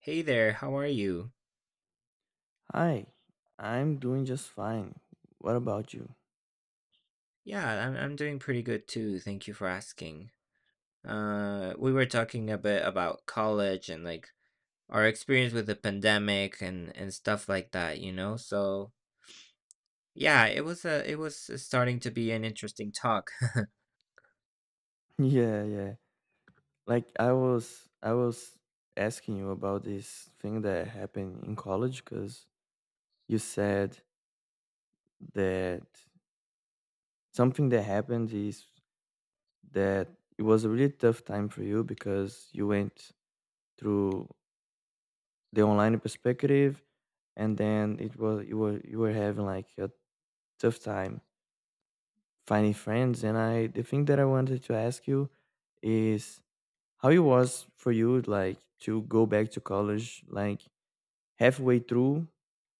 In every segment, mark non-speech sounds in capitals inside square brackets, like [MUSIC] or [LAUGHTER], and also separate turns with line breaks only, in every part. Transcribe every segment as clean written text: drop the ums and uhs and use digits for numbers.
Hey there, how are you?
Hi, I'm doing just fine. What about you? [LAUGHS]
Yeah, I'm doing pretty good too. Thank you for asking. We were talking a bit about college and like our experience with the pandemic and stuff like that, you know? So, yeah, it was starting to be an interesting talk.
Yeah, yeah. Like I was asking you about this thing that happened in college because you said that something that happened is that it was a really tough time for you because you went through the online perspective, and then it was you were having like a tough time finding friends. And I, the thing that I wanted to ask you is, how it was for you, like, to go back to college, like, halfway through?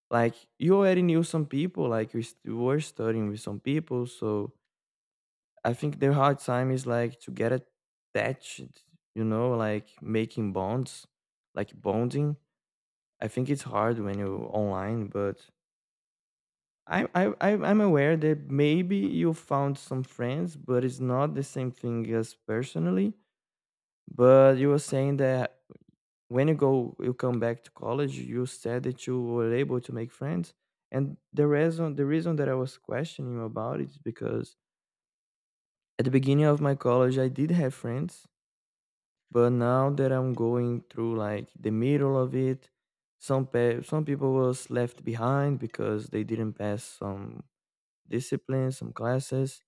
Like, you already knew some people, like, you were studying with some people, so I think the hard time is, like, to get attached, you know, like, making bonds, like, bonding. I think it's hard when you're online, but I'm aware that maybe you found some friends, but it's not the same thing as personally. But you were saying that when you come back to college, you said that you were able to make friends. And the reason that I was questioning you about it is because at the beginning of my college I did have friends, but now that I'm going through like the middle of it, some people was left behind because they didn't pass some discipline, some classes.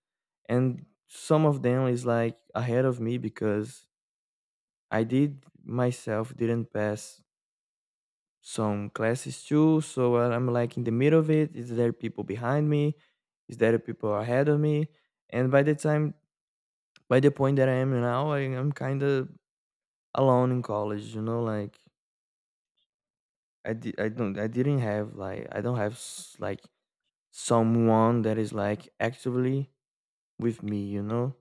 And some of them is like ahead of me because I did myself didn't pass some classes too. So I'm like in the middle of it. Is there people behind me? Is there people ahead of me? And by the time, by the point that I am now, I'm kind of alone in college. You know, like I don't, I didn't have, like I don't have like someone that is like actively with me. You know,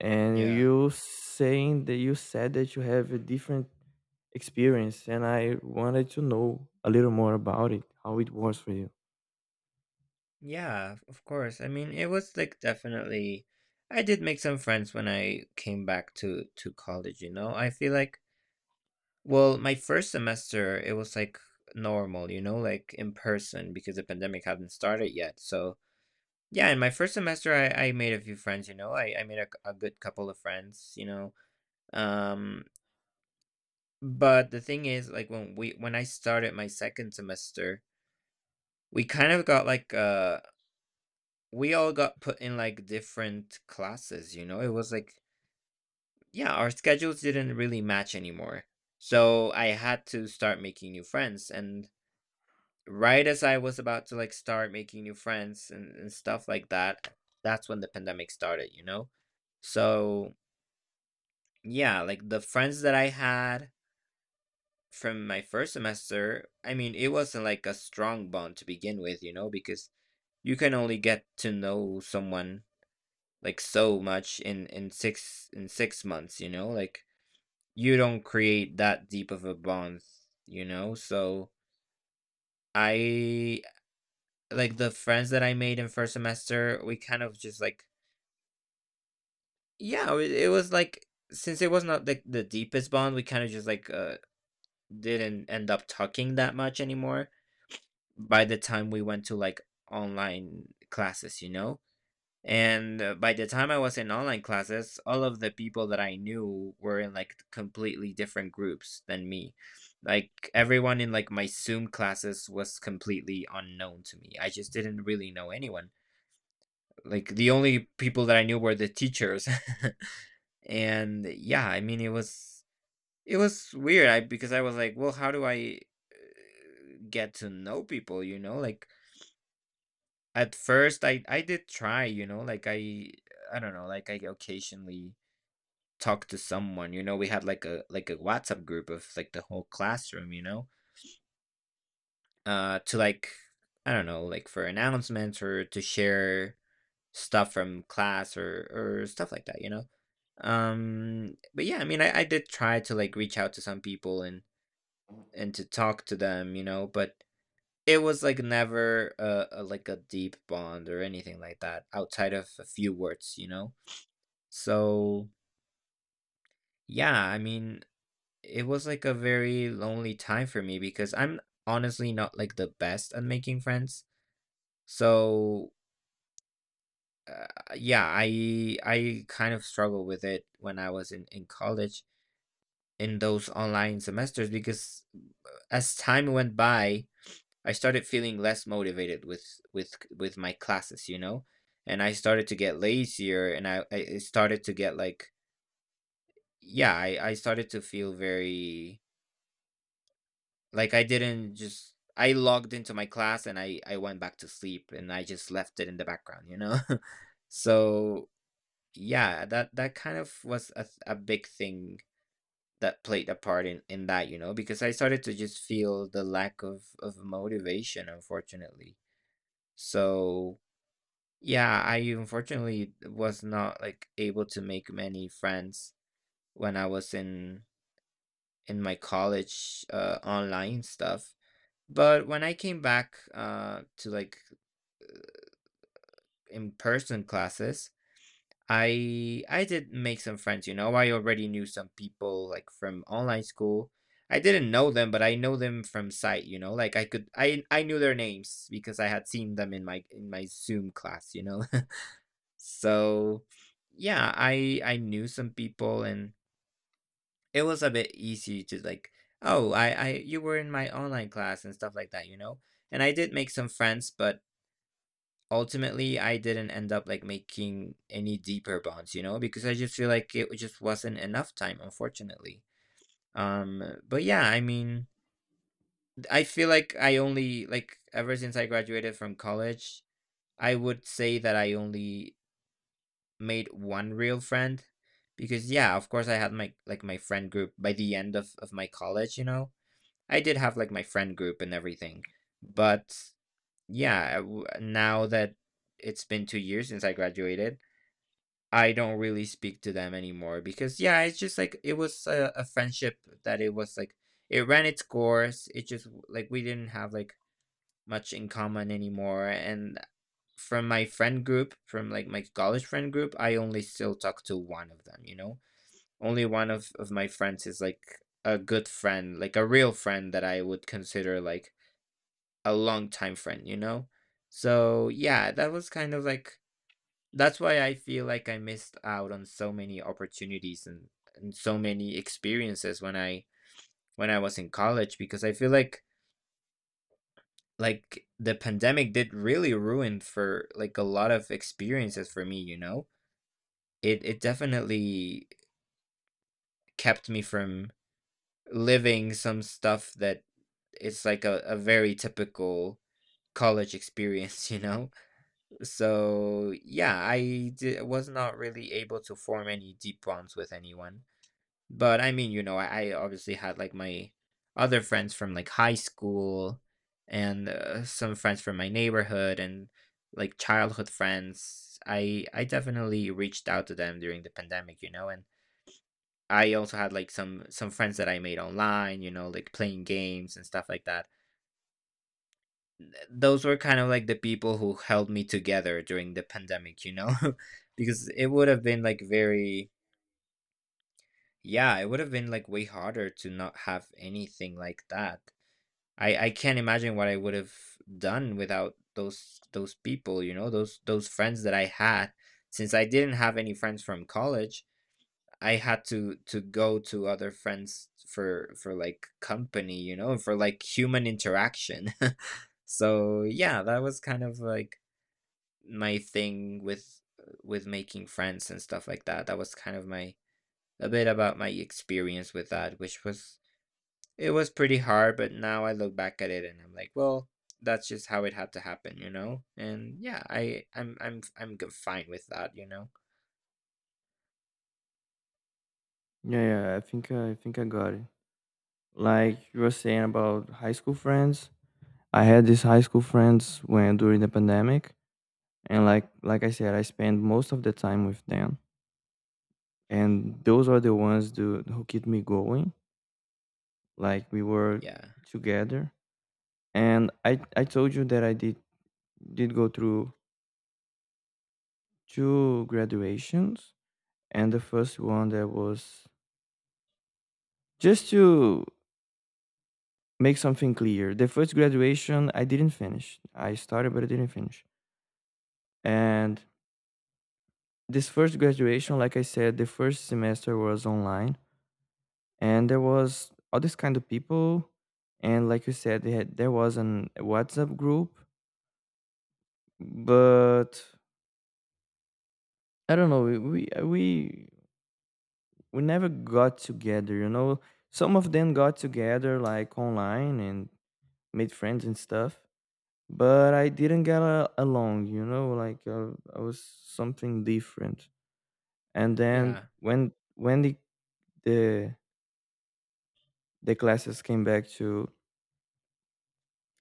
and
[LAUGHS] Yeah.
you saying that you said that you have a different experience, and I wanted to know a little more about it, how it was for you.
Yeah, of course. I mean, it was like definitely I did make some friends when I came back to college, you know? I feel like Well, my first semester, it was like normal, you know, like in person because the pandemic hadn't started yet. So yeah, in my first semester, I made a few friends, you know, I made a good couple of friends, you know. Um, but the thing is, like when I started my second semester, we kind of got like uh we all got put in like different classes, you know. It was like Yeah, our schedules didn't really match anymore. So I had to start making new friends and right as I was about to like start making new friends and stuff like that, that's when the pandemic started, you know? So yeah, like the friends that I had from my first semester, I mean, it wasn't like a strong bond to begin with, you know, because you can only get to know someone like so much in 6 months, you know, like you don't create that deep of a bond, you know. So I like the friends that I made in first semester, we kind of just like yeah, it was like since it was not like the deepest bond, we kind of just like didn't end up talking that much anymore by the time we went to like online classes, you know? And by the time I was in online classes, all of the people that I knew were in like completely different groups than me. Like everyone in like my Zoom classes was completely unknown to me. I just didn't really know anyone like the only people that I knew were the teachers. [LAUGHS] And yeah, I mean it was weird because I was like, well, how do I get to know people, you know? Like at first I did try, you know, like I don't know, like I occasionally talked to someone, you know, we had like a WhatsApp group of like the whole classroom, you know, to like, I don't know, like for announcements or to share stuff from class or stuff like that, you know? But yeah, I mean, I did try to, like, reach out to some people and to talk to them, you know, but it was, like, never a like, a deep bond or anything like that outside of a few words, you know? So, yeah, I mean, it was, like, a very lonely time for me because I'm honestly not, like, the best at making friends. So, Uh, yeah, I kind of struggled with it when I was in college in those online semesters because as time went by, I started feeling less motivated with with my classes, you know, and I started to get lazier, and I started to get like yeah, I started to feel very like I didn't just. I logged into my class and I went back to sleep and I just left it in the background, you know? [LAUGHS] So yeah, that kind of was a big thing that played a part in that, you know, because I started to just feel the lack of motivation, unfortunately. So, yeah, I unfortunately was not like able to make many friends when I was in my college online stuff. But when I came back to like in-person classes, I did make some friends, you know. I already knew some people like from online school. I didn't know them, but I know them from sight, you know. Like I could I knew their names because I had seen them in my Zoom class, you know. [LAUGHS] So yeah, I knew some people and it was a bit easy to like, oh, I you were in my online class and stuff like that, you know. And I did make some friends, but ultimately, I didn't end up, like, making any deeper bonds, you know, because I just feel like it just wasn't enough time, unfortunately. But yeah, I mean, I feel like I only like, ever since I graduated from college, I would say that I only made one real friend because, yeah, of course, I had my like, my friend group by the end of my college, you know? I did have, like, my friend group and everything, but yeah, I w now that it's been 2 years since I graduated, I don't really speak to them anymore because yeah, it's just like it was a friendship that it was like it ran its course. It just like we didn't have like much in common anymore. And from my friend group, from like my college friend group, I only still talk to one of them, you know? Only one of my friends is like a good friend, like a real friend that I would consider like a long time friend, you know? So yeah, that was kind of like that's why I feel like I missed out on so many opportunities and so many experiences when I was in college because I feel like the pandemic did really ruin for like a lot of experiences for me, you know? It definitely kept me from living some stuff that it's like a very typical college experience, [LAUGHS] you know? So yeah, was not really able to form any deep bonds with anyone. But I mean, you know, I obviously had like my other friends from like high school and some friends from my neighborhood and like childhood friends. I definitely reached out to them during the pandemic, you know, and I also had like some friends that I made online, you know, like playing games and stuff like that. Those were kind of like the people who held me together during the pandemic, you know, [LAUGHS] because it would have been like very yeah, it would have been like way harder to not have anything like that. I can't imagine what I would have done without those people, you know, those friends that I had. Since I didn't have any friends from college, I had to go to other friends for like company, you know, for like human interaction. [LAUGHS] So, yeah, that was kind of like my thing with making friends and stuff like that. That was kind of my a bit about my experience with that, which was it was pretty hard, but now I look back at it and I'm like, well, that's just how it had to happen, you know? And yeah, I I'm g- fine with that, you know?
Yeah, yeah, I think I think I got it. Like you were saying about high school friends, I had these high school friends when during the pandemic, and like I said, I spent most of the time with them, and those are the ones do, who keep me going. Like we were
Yeah.
together, and I told you that I did go through two graduations, and the first one that was just to make something clear. The first graduation I didn't finish. I started, but I didn't finish. And this first graduation, like I said, the first semester was online, and there was all this kind of people, and like you said, they had, there was an WhatsApp group, but I don't know, we never got together. You know, some of them got together like online and made friends and stuff, but I didn't get a, along. You know, like I was something different. And then
Yeah.
when the the classes came back to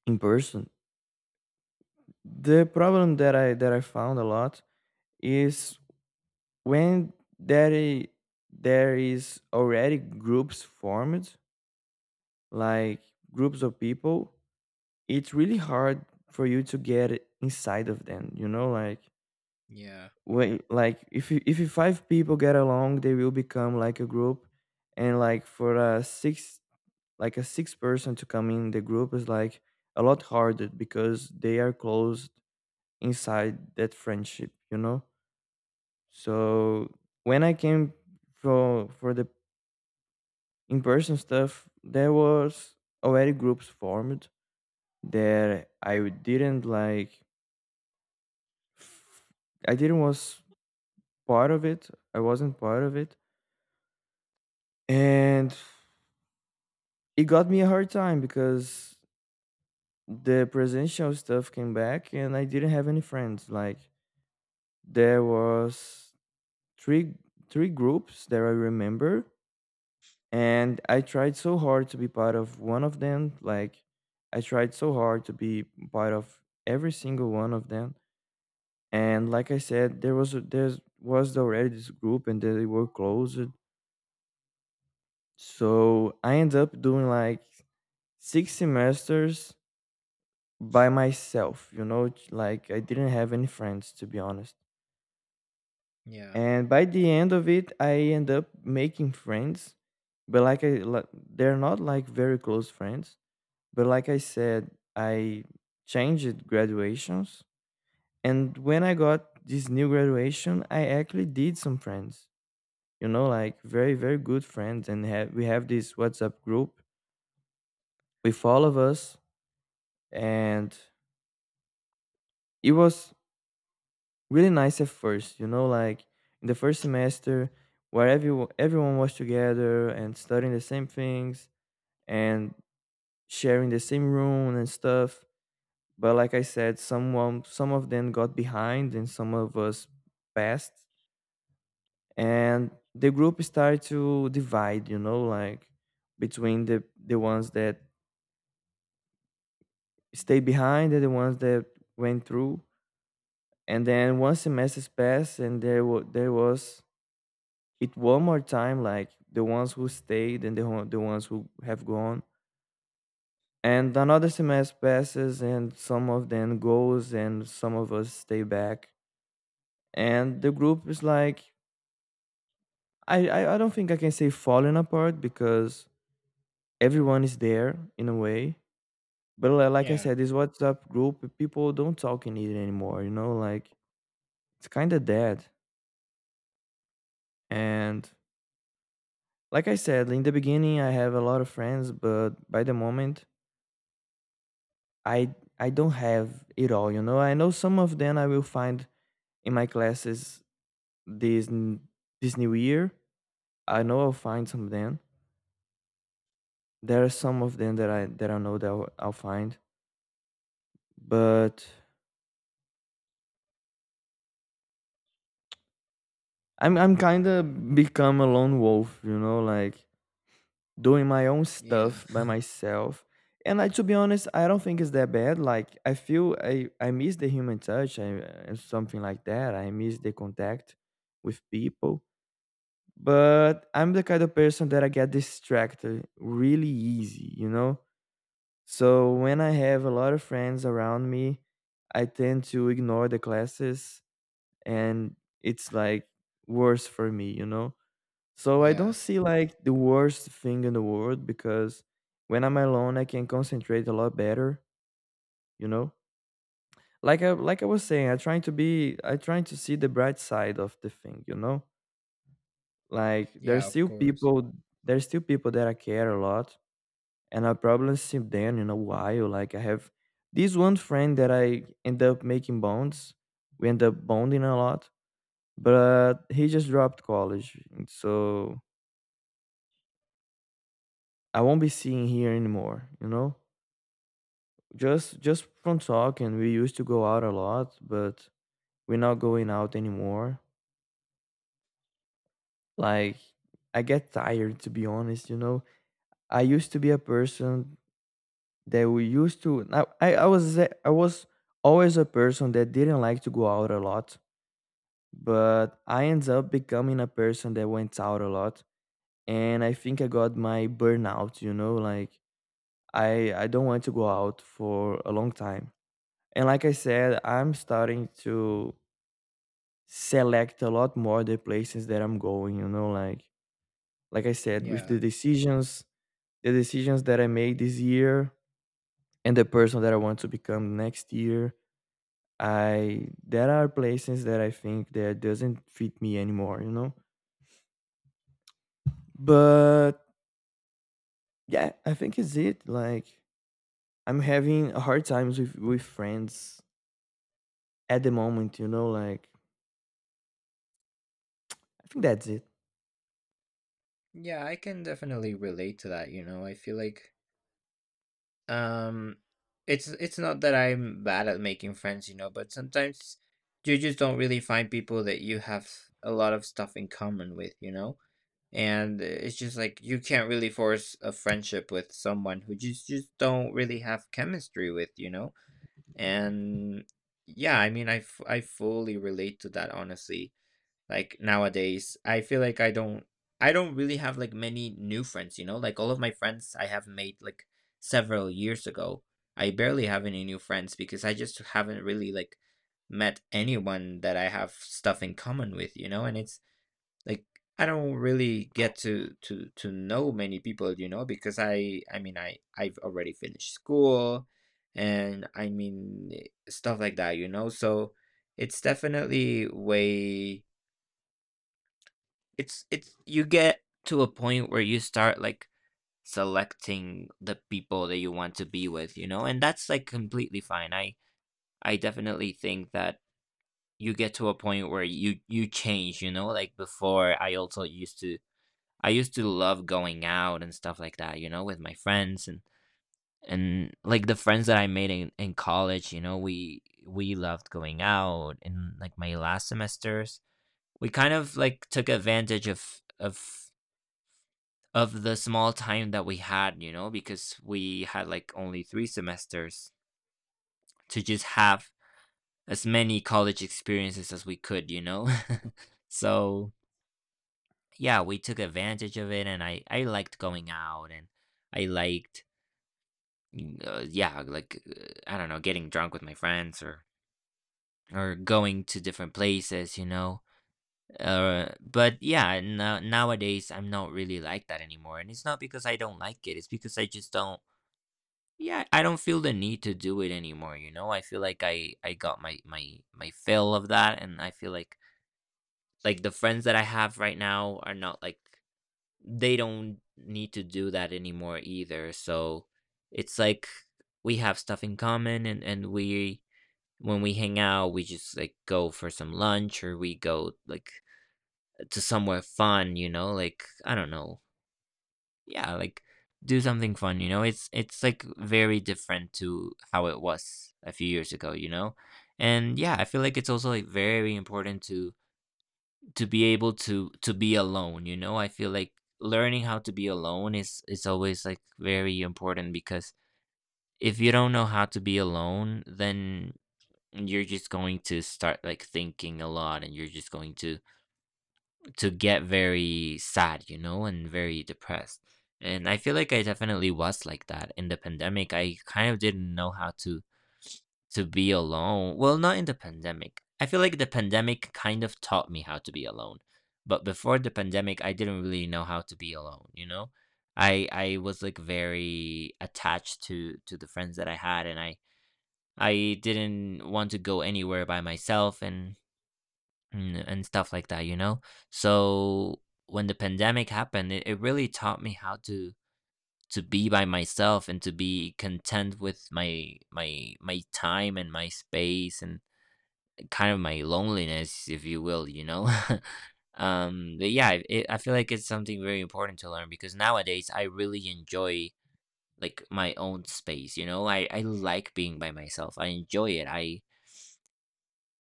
in person. The problem that I found a lot is when there i- there is already groups formed, like groups of people. It's really hard for you to get inside of them. You know, like
Yeah.
when like if you five people get along, they will become like a group, and like for a six, like a six person to come in the group is like a lot harder because they are close inside that friendship, you know. So when I came for the in-person stuff, there was already groups formed that I didn't like. I didn't was part of it, I wasn't part of it. And it got me a hard time because the presidential stuff came back and I didn't have any friends. Like there was three three groups that I remember, and I tried so hard to be part of one of them. Like, I tried so hard to be part of every single one of them. And like I said, there was a, there was already this group, and they were closed. So I ended up doing like six semesters by myself. You know, it's like I didn't have any friends, to be honest.
Yeah.
And by the end of it, I end up making friends, but like I, they're not like very close friends. But like I said, I changed graduations. And when I got this new graduation, I actually did some friends, you know, like very, very good friends. And have, we have this WhatsApp group with all of us. And it was really nice at first, you know, like in the first semester where every, everyone was together and studying the same things and sharing the same room and stuff. But like I said, someone, some of them got behind and some of us passed, and the group started to divide, you know, like between the ones that stayed behind and the ones that went through. And then one semester passed and there was it one more time, like the ones who stayed and the, one- the ones who have gone. And another semester passes and some of them goes and some of us stay back, and the group is like, I don't think I can say falling apart because everyone is there in a way. But like I
Yeah.
said, this WhatsApp group, people don't talk in it anymore. You know, like it's kind of dead. And like I said, in the beginning, I have a lot of friends, but by the moment, I don't have it all. You know, I know some of them I will find in my classes this n- this new year. I know I'll find some of them. There are some of them that I know that I'll find, but I'm kind of become a lone wolf, you know, like doing my own
Yeah.
stuff by
[LAUGHS]
myself. And I, to be honest, I don't think it's that bad. Like I feel I miss the human touch, something like that. I miss the contact with people. But I'm the kind of person that I get distracted really easy, you know. So when I have a lot of friends around me, I tend to ignore the classes, and it's like worse for me, you know, so I don't
Yeah.
see like the worst thing in the world because when I'm alone, I can concentrate a lot better. You know, like I, like I was saying, I trying to be, I trying to see the bright side of the thing. You know, like
Yeah, of course.
there's still people that I care a lot, and I probably see them in a while. Like I have this one friend that I end up making bonds. We end up bonding a lot, but he just dropped college, and so I won't be seeing here anymore. You know, just from talking, we used to go out a lot, but we're not going out anymore. Like I get tired, to be honest, you know. I used to be a person that we used to, now I was I was always a person that didn't like to go out a lot, but I ended up becoming a person that went out a lot. And I think I got my burnout, you know, like I don't want to go out for a long time. And like I said, I'm starting to select a lot more the places that I'm going, you know, like I said, with
Yeah.
the decisions that I made this year and the person that I want to become next year, I there are places that I think that doesn't fit me anymore, you know? But yeah, I think it's it. Like I'm having a hard times with friends at the moment, you know, like I think that's it.
Yeah, I can definitely relate to that, you know. I feel like Um, it's not that I'm bad at making friends, you know, but sometimes you just don't really find people that you have a lot of stuff in common with, you know? And it's just like you can't really force a friendship with someone who just don't really have chemistry with, you know? And yeah, I mean, I fully relate to that, honestly. Like nowadays I feel like I don't, I don't really have like many new friends, you know? Like all of my friends I have made like several years ago. I barely have any new friends because I just haven't really like met anyone that I have stuff in common with, you know? And it's like I don't really get to know many people, you know? Because I've already finished school and I mean stuff like that, you know? So it's definitely way it's you get to a point where you start like selecting the people that you want to be with, you know? And that's like completely fine. I definitely think that you get to a point where you change, you know? Like before I also used to, I used to love going out and stuff like that, you know, with my friends. And like the friends that I made in college, you know, we loved going out in like my last semesters. We kind of like took advantage of the small time that we had, you know, because we had like only three semesters to just have as many college experiences as we could, you know? [LAUGHS] So, yeah, we took advantage of it and I liked going out. And I liked, yeah, like, I don't know, getting drunk with my friends, or going to different places, you know? But yeah, no, nowadays I'm not really like that anymore. And it's not because I don't like it, it's because I just don't. Yeah, I don't feel the need to do it anymore, you know? I feel like I got my fill of that. And I feel like the friends that I have right now are not like, they don't need to do that anymore either. So it's like we have stuff in common. And we, when we hang out, we just like go for some lunch or we go like to somewhere fun, you know? Like I don't know, yeah, like do something fun, you know? It's like very different to how it was a few years ago, you know? And yeah, I feel like it's also like very important to be able to be alone, you know? I feel like learning how to be alone is always like very important because if you don't know how to be alone, then you're just going to start like thinking a lot. And you're just going to get very sad, you know, and very depressed. And I feel like I definitely was like that in the pandemic. I kind of didn't know how to be alone. Well, not in the pandemic. I feel like the pandemic kind of taught me how to be alone. But before the pandemic, I didn't really know how to be alone, you know? I was like very attached to the friends that I had. And I didn't want to go anywhere by myself and and stuff like that, you know? So when the pandemic happened, it really taught me how to be by myself and to be content with my time and my space and kind of my loneliness, if you will, you know? [LAUGHS] But yeah, it, I feel like it's something very important to learn because nowadays I really enjoy like my own space, you know? I like being by myself. I enjoy it. i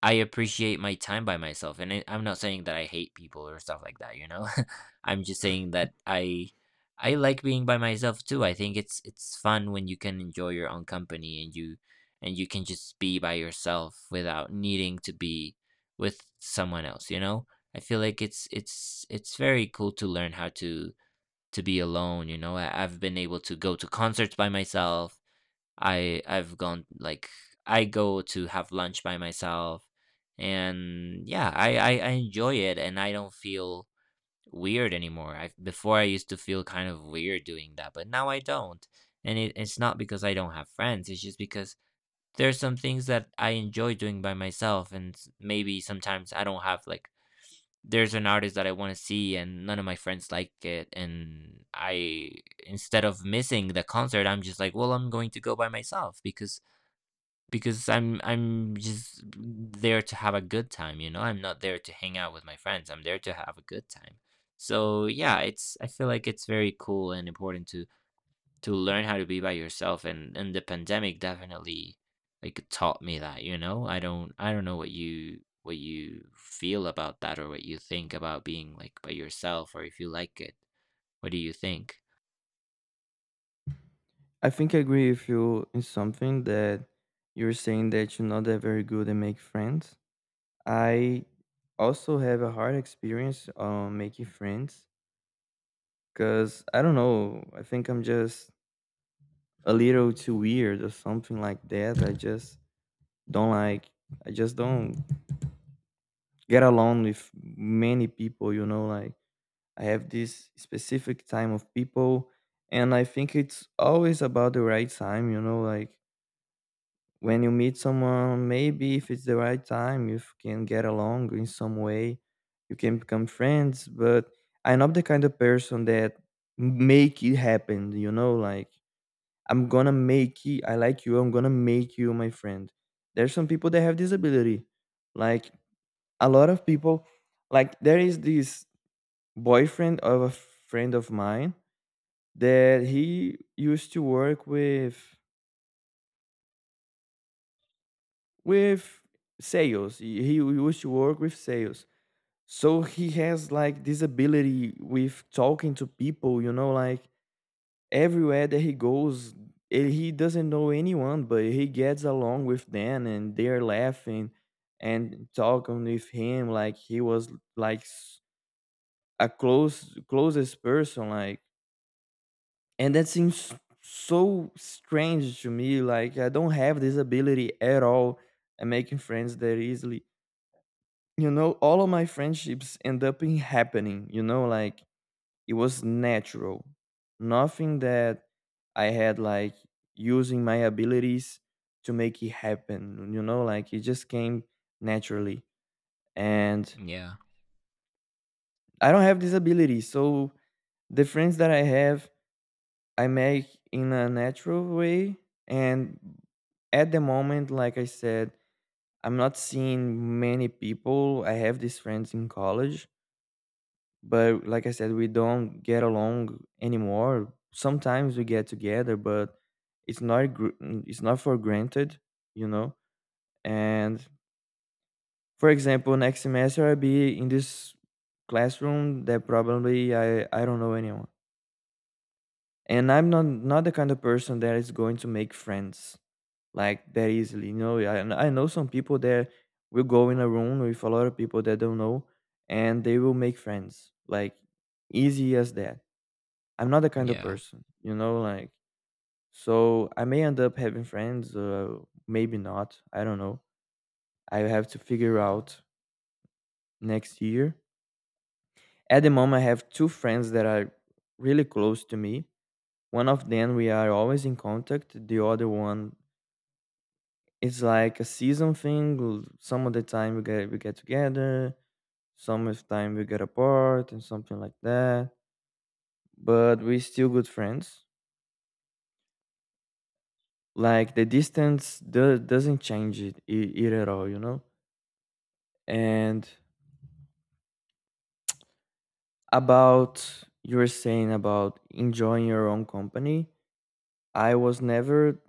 I appreciate my time by myself. And I'm not saying that I hate people or stuff like that, you know? [LAUGHS] I'm just saying that I like being by myself too. I think it's fun when you can enjoy your own company. And you and you can just be by yourself without needing to be with someone else, you know? I feel like it's very cool to learn how to be alone, you know? I, I've been able to go to concerts by myself. I, I've gone like I go to have lunch by myself. And yeah, I enjoy it and I don't feel weird anymore. I, before I used to feel kind of weird doing that, but now I don't. And it, it's not because I don't have friends, it's just because there's some things that I enjoy doing by myself. And maybe sometimes I don't have like there's an artist that I want to see and none of my friends like it. And I, instead of missing the concert, I'm just like, well, I'm going to go by myself. Because I'm just there to have a good time, you know? I'm not there to hang out with my friends. I'm there to have a good time. So, yeah, it's I feel like it's very cool and important to learn how to be by yourself. And the pandemic definitely like taught me that, you know? I don't know what you feel about that or what you think about being like by yourself or if you like it. What do you think?
I think I agree with you in something that you're saying that you're not that very good at make friends. I also have a hard experience making friends because I don't know. I think I'm just a little too weird or something like that. I just don't like, I just don't get along with many people, you know. Like, I have this specific time of people, and I think it's always about the right time, you know. Like, when you meet someone, maybe if it's the right time, you can get along in some way, you can become friends. But I'm not the kind of person that make it happen. You know, like I'm gonna make it. I like you. I'm gonna make you my friend. There's some people that have this ability. Like a lot of people, like there is this boyfriend of a friend of mine that he used to work with sales. He used to work with sales. So he has like this ability with talking to people, you know, like everywhere that he goes, he doesn't know anyone, but he gets along with them and they're laughing and talking with him like he was like s- a closest person, like. And that seems so strange to me. Like, I don't have this ability at all at making friends that easily. You know, all of my friendships end up in happening, you know, like it was natural. Nothing that I had like using my abilities to make it happen, you know, like it just came naturally. And
Yeah.
I don't have this ability. So the friends that I have, I make in a natural way. And at the moment, like I said, I'm not seeing many people. I have these friends in college, but like I said, we don't get along anymore. Sometimes we get together, but it's not gr- it's not for granted, you know. And for example, next semester I'll be in this classroom that probably I don't know anyone. And I'm not the kind of person that is going to make friends like that easily, you know. I know some people that will go in a room with a lot of people that don't know, and they will make friends like easy as that. I'm not the kind of
Yeah.
person, you know, like, so I may end up having friends, maybe not. I don't know. I have to figure out next year. At the moment, I have two friends that are really close to me. One of them, we are always in contact. The other one, it's like a season thing. Some of the time we get together, some of the time we get apart, and something like that. But we're still good friends. Like, the doesn't change it at all, you know. And about you were saying about enjoying your own company, I was never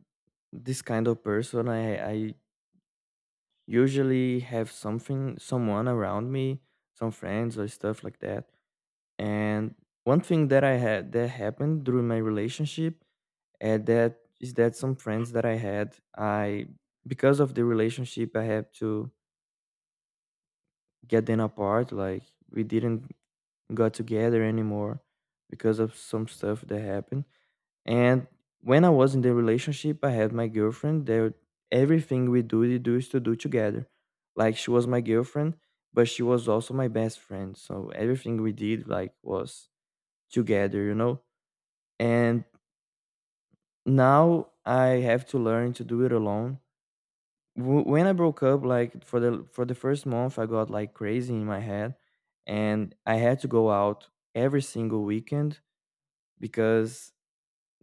this kind of person. I usually have something, someone around me, some friends or stuff like that. And one thing that I had, that happened during my relationship, and that is that some friends that I had, I, because of the relationship, I have to get them apart. Like, we didn't got together anymore because of some stuff that happened. And when I was in the relationship, I had my girlfriend. There, everything we do, we do, is to do together. Like, she was my girlfriend, but she was also my best friend. So everything we did, like, was together, you know. And now I have to learn to do it alone. When I broke up, like for the first month, I got like crazy in my head, and I had to go out every single weekend because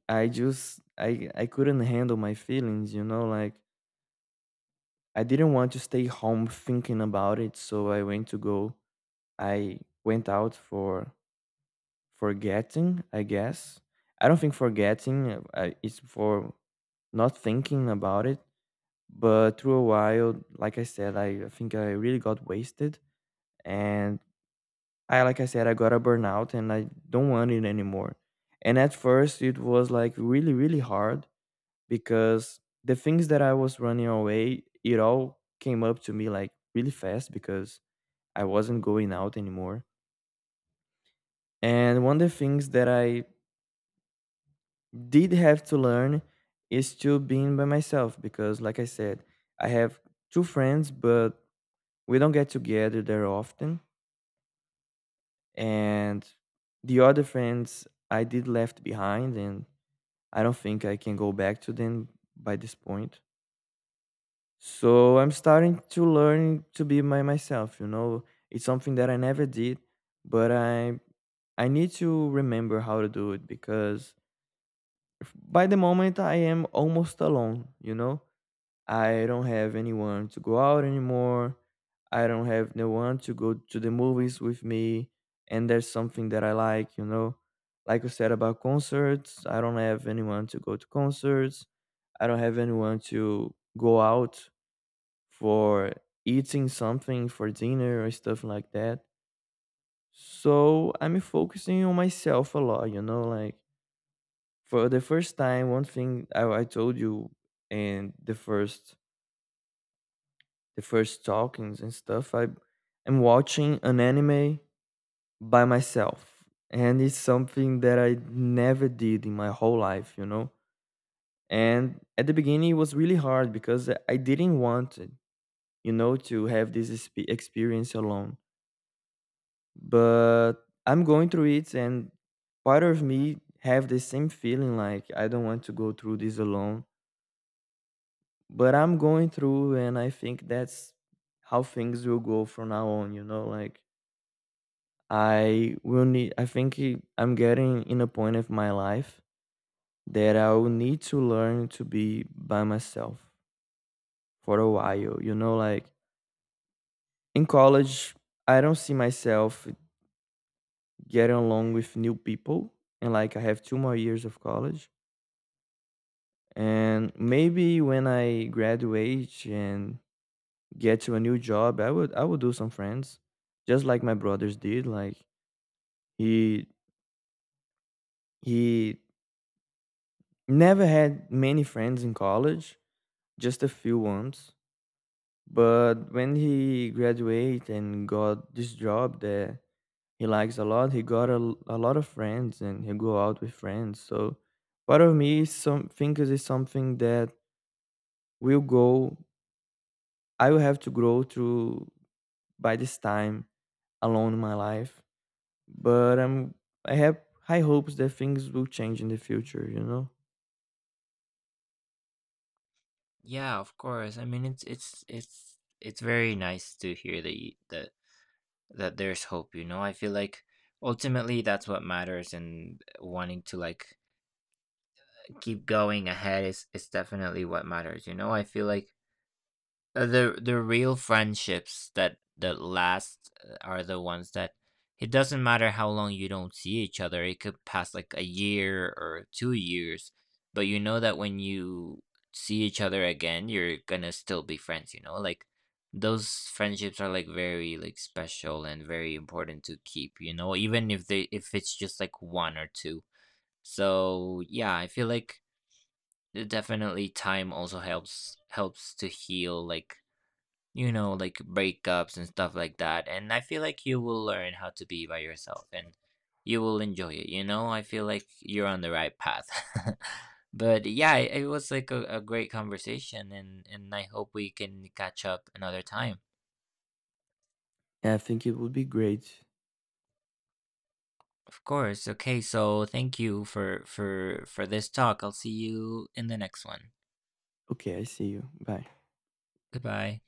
I just I couldn't handle my feelings. You know, like, I didn't want to stay home thinking about it, so I went to go. I went out for forgetting, I guess. I don't think forgetting, it's for not thinking about it. But through a while, like I said, I think I really got wasted. And I, like I said, I got a burnout and I don't want it anymore. And at first it was like really really hard because the things that I was running away, it all came up to me like really fast because I wasn't going out anymore. And one of the things that I did have to learn is to being by myself, because like I said, I have two friends, but we don't get together there often. And the other friends I did left behind, and I don't think I can go back to them by this point. So I'm starting to learn to be by myself. You know, it's something that I never did, but I need to remember how to do it because by the moment I am almost alone. You know, I don't have anyone to go out anymore. I don't have no one to go to the movies with me. And there's something that I like, you know. Like you said about concerts, I don't have anyone to go to concerts. I don't have anyone to go out for eating something for dinner or stuff like that. So I'm focusing on myself a lot, you know, like for the first time, one thing I told you in the first, the first talkings and stuff, I am watching an anime by myself. And it's something that I never did in my whole life, you know? And at the beginning, it was really hard because I didn't want it, you know, to have this experience alone. But I'm going through it, and part of me have the same feeling, like I don't want to go through this alone. But I'm going through, and I think that's how things will go from now on, you know? Like, I will need, I think, I'm getting in a point of my life that I will need to learn to be by myself for a while. You know, like, in college, I don't see myself getting along with new people. And like, I have two more years of college. And maybe when I graduate and get to a new job, I would do some friends. Just like my brothers did. Like, he he never had many friends in college, just a few months. But when he graduated and got this job that he likes a lot, he got a lot of friends and he go out with friends. So part of me some thinks is something that will go, I will have to grow through by this time alone in my life. But I have high hopes that things will change in the future, you know?
Yeah, of course. I mean, it's very nice to hear that you, that that there's hope, you know. I feel like ultimately that's what matters. And wanting to like keep going ahead is definitely what matters, you know. I feel like the real friendships that that last are the ones that it doesn't matter how long you don't see each other. It could pass like a year or 2 years, but you know that when you see each other again, you're gonna still be friends, you know? Like those friendships are like very like special and very important to keep, you know, even if they if it's just like one or two. So yeah, I feel like definitely time also helps helps to heal like you know, like breakups and stuff like that. And I feel like you will learn how to be by yourself. And you will enjoy it. You know, I feel like you're on the right path. [LAUGHS] But yeah, it was like a great conversation. And I hope we can catch up another time.
And I think it would be great.
Of course. Okay, so thank you for this talk. I'll see you in the next one.
Okay, I see you. Bye.
Goodbye.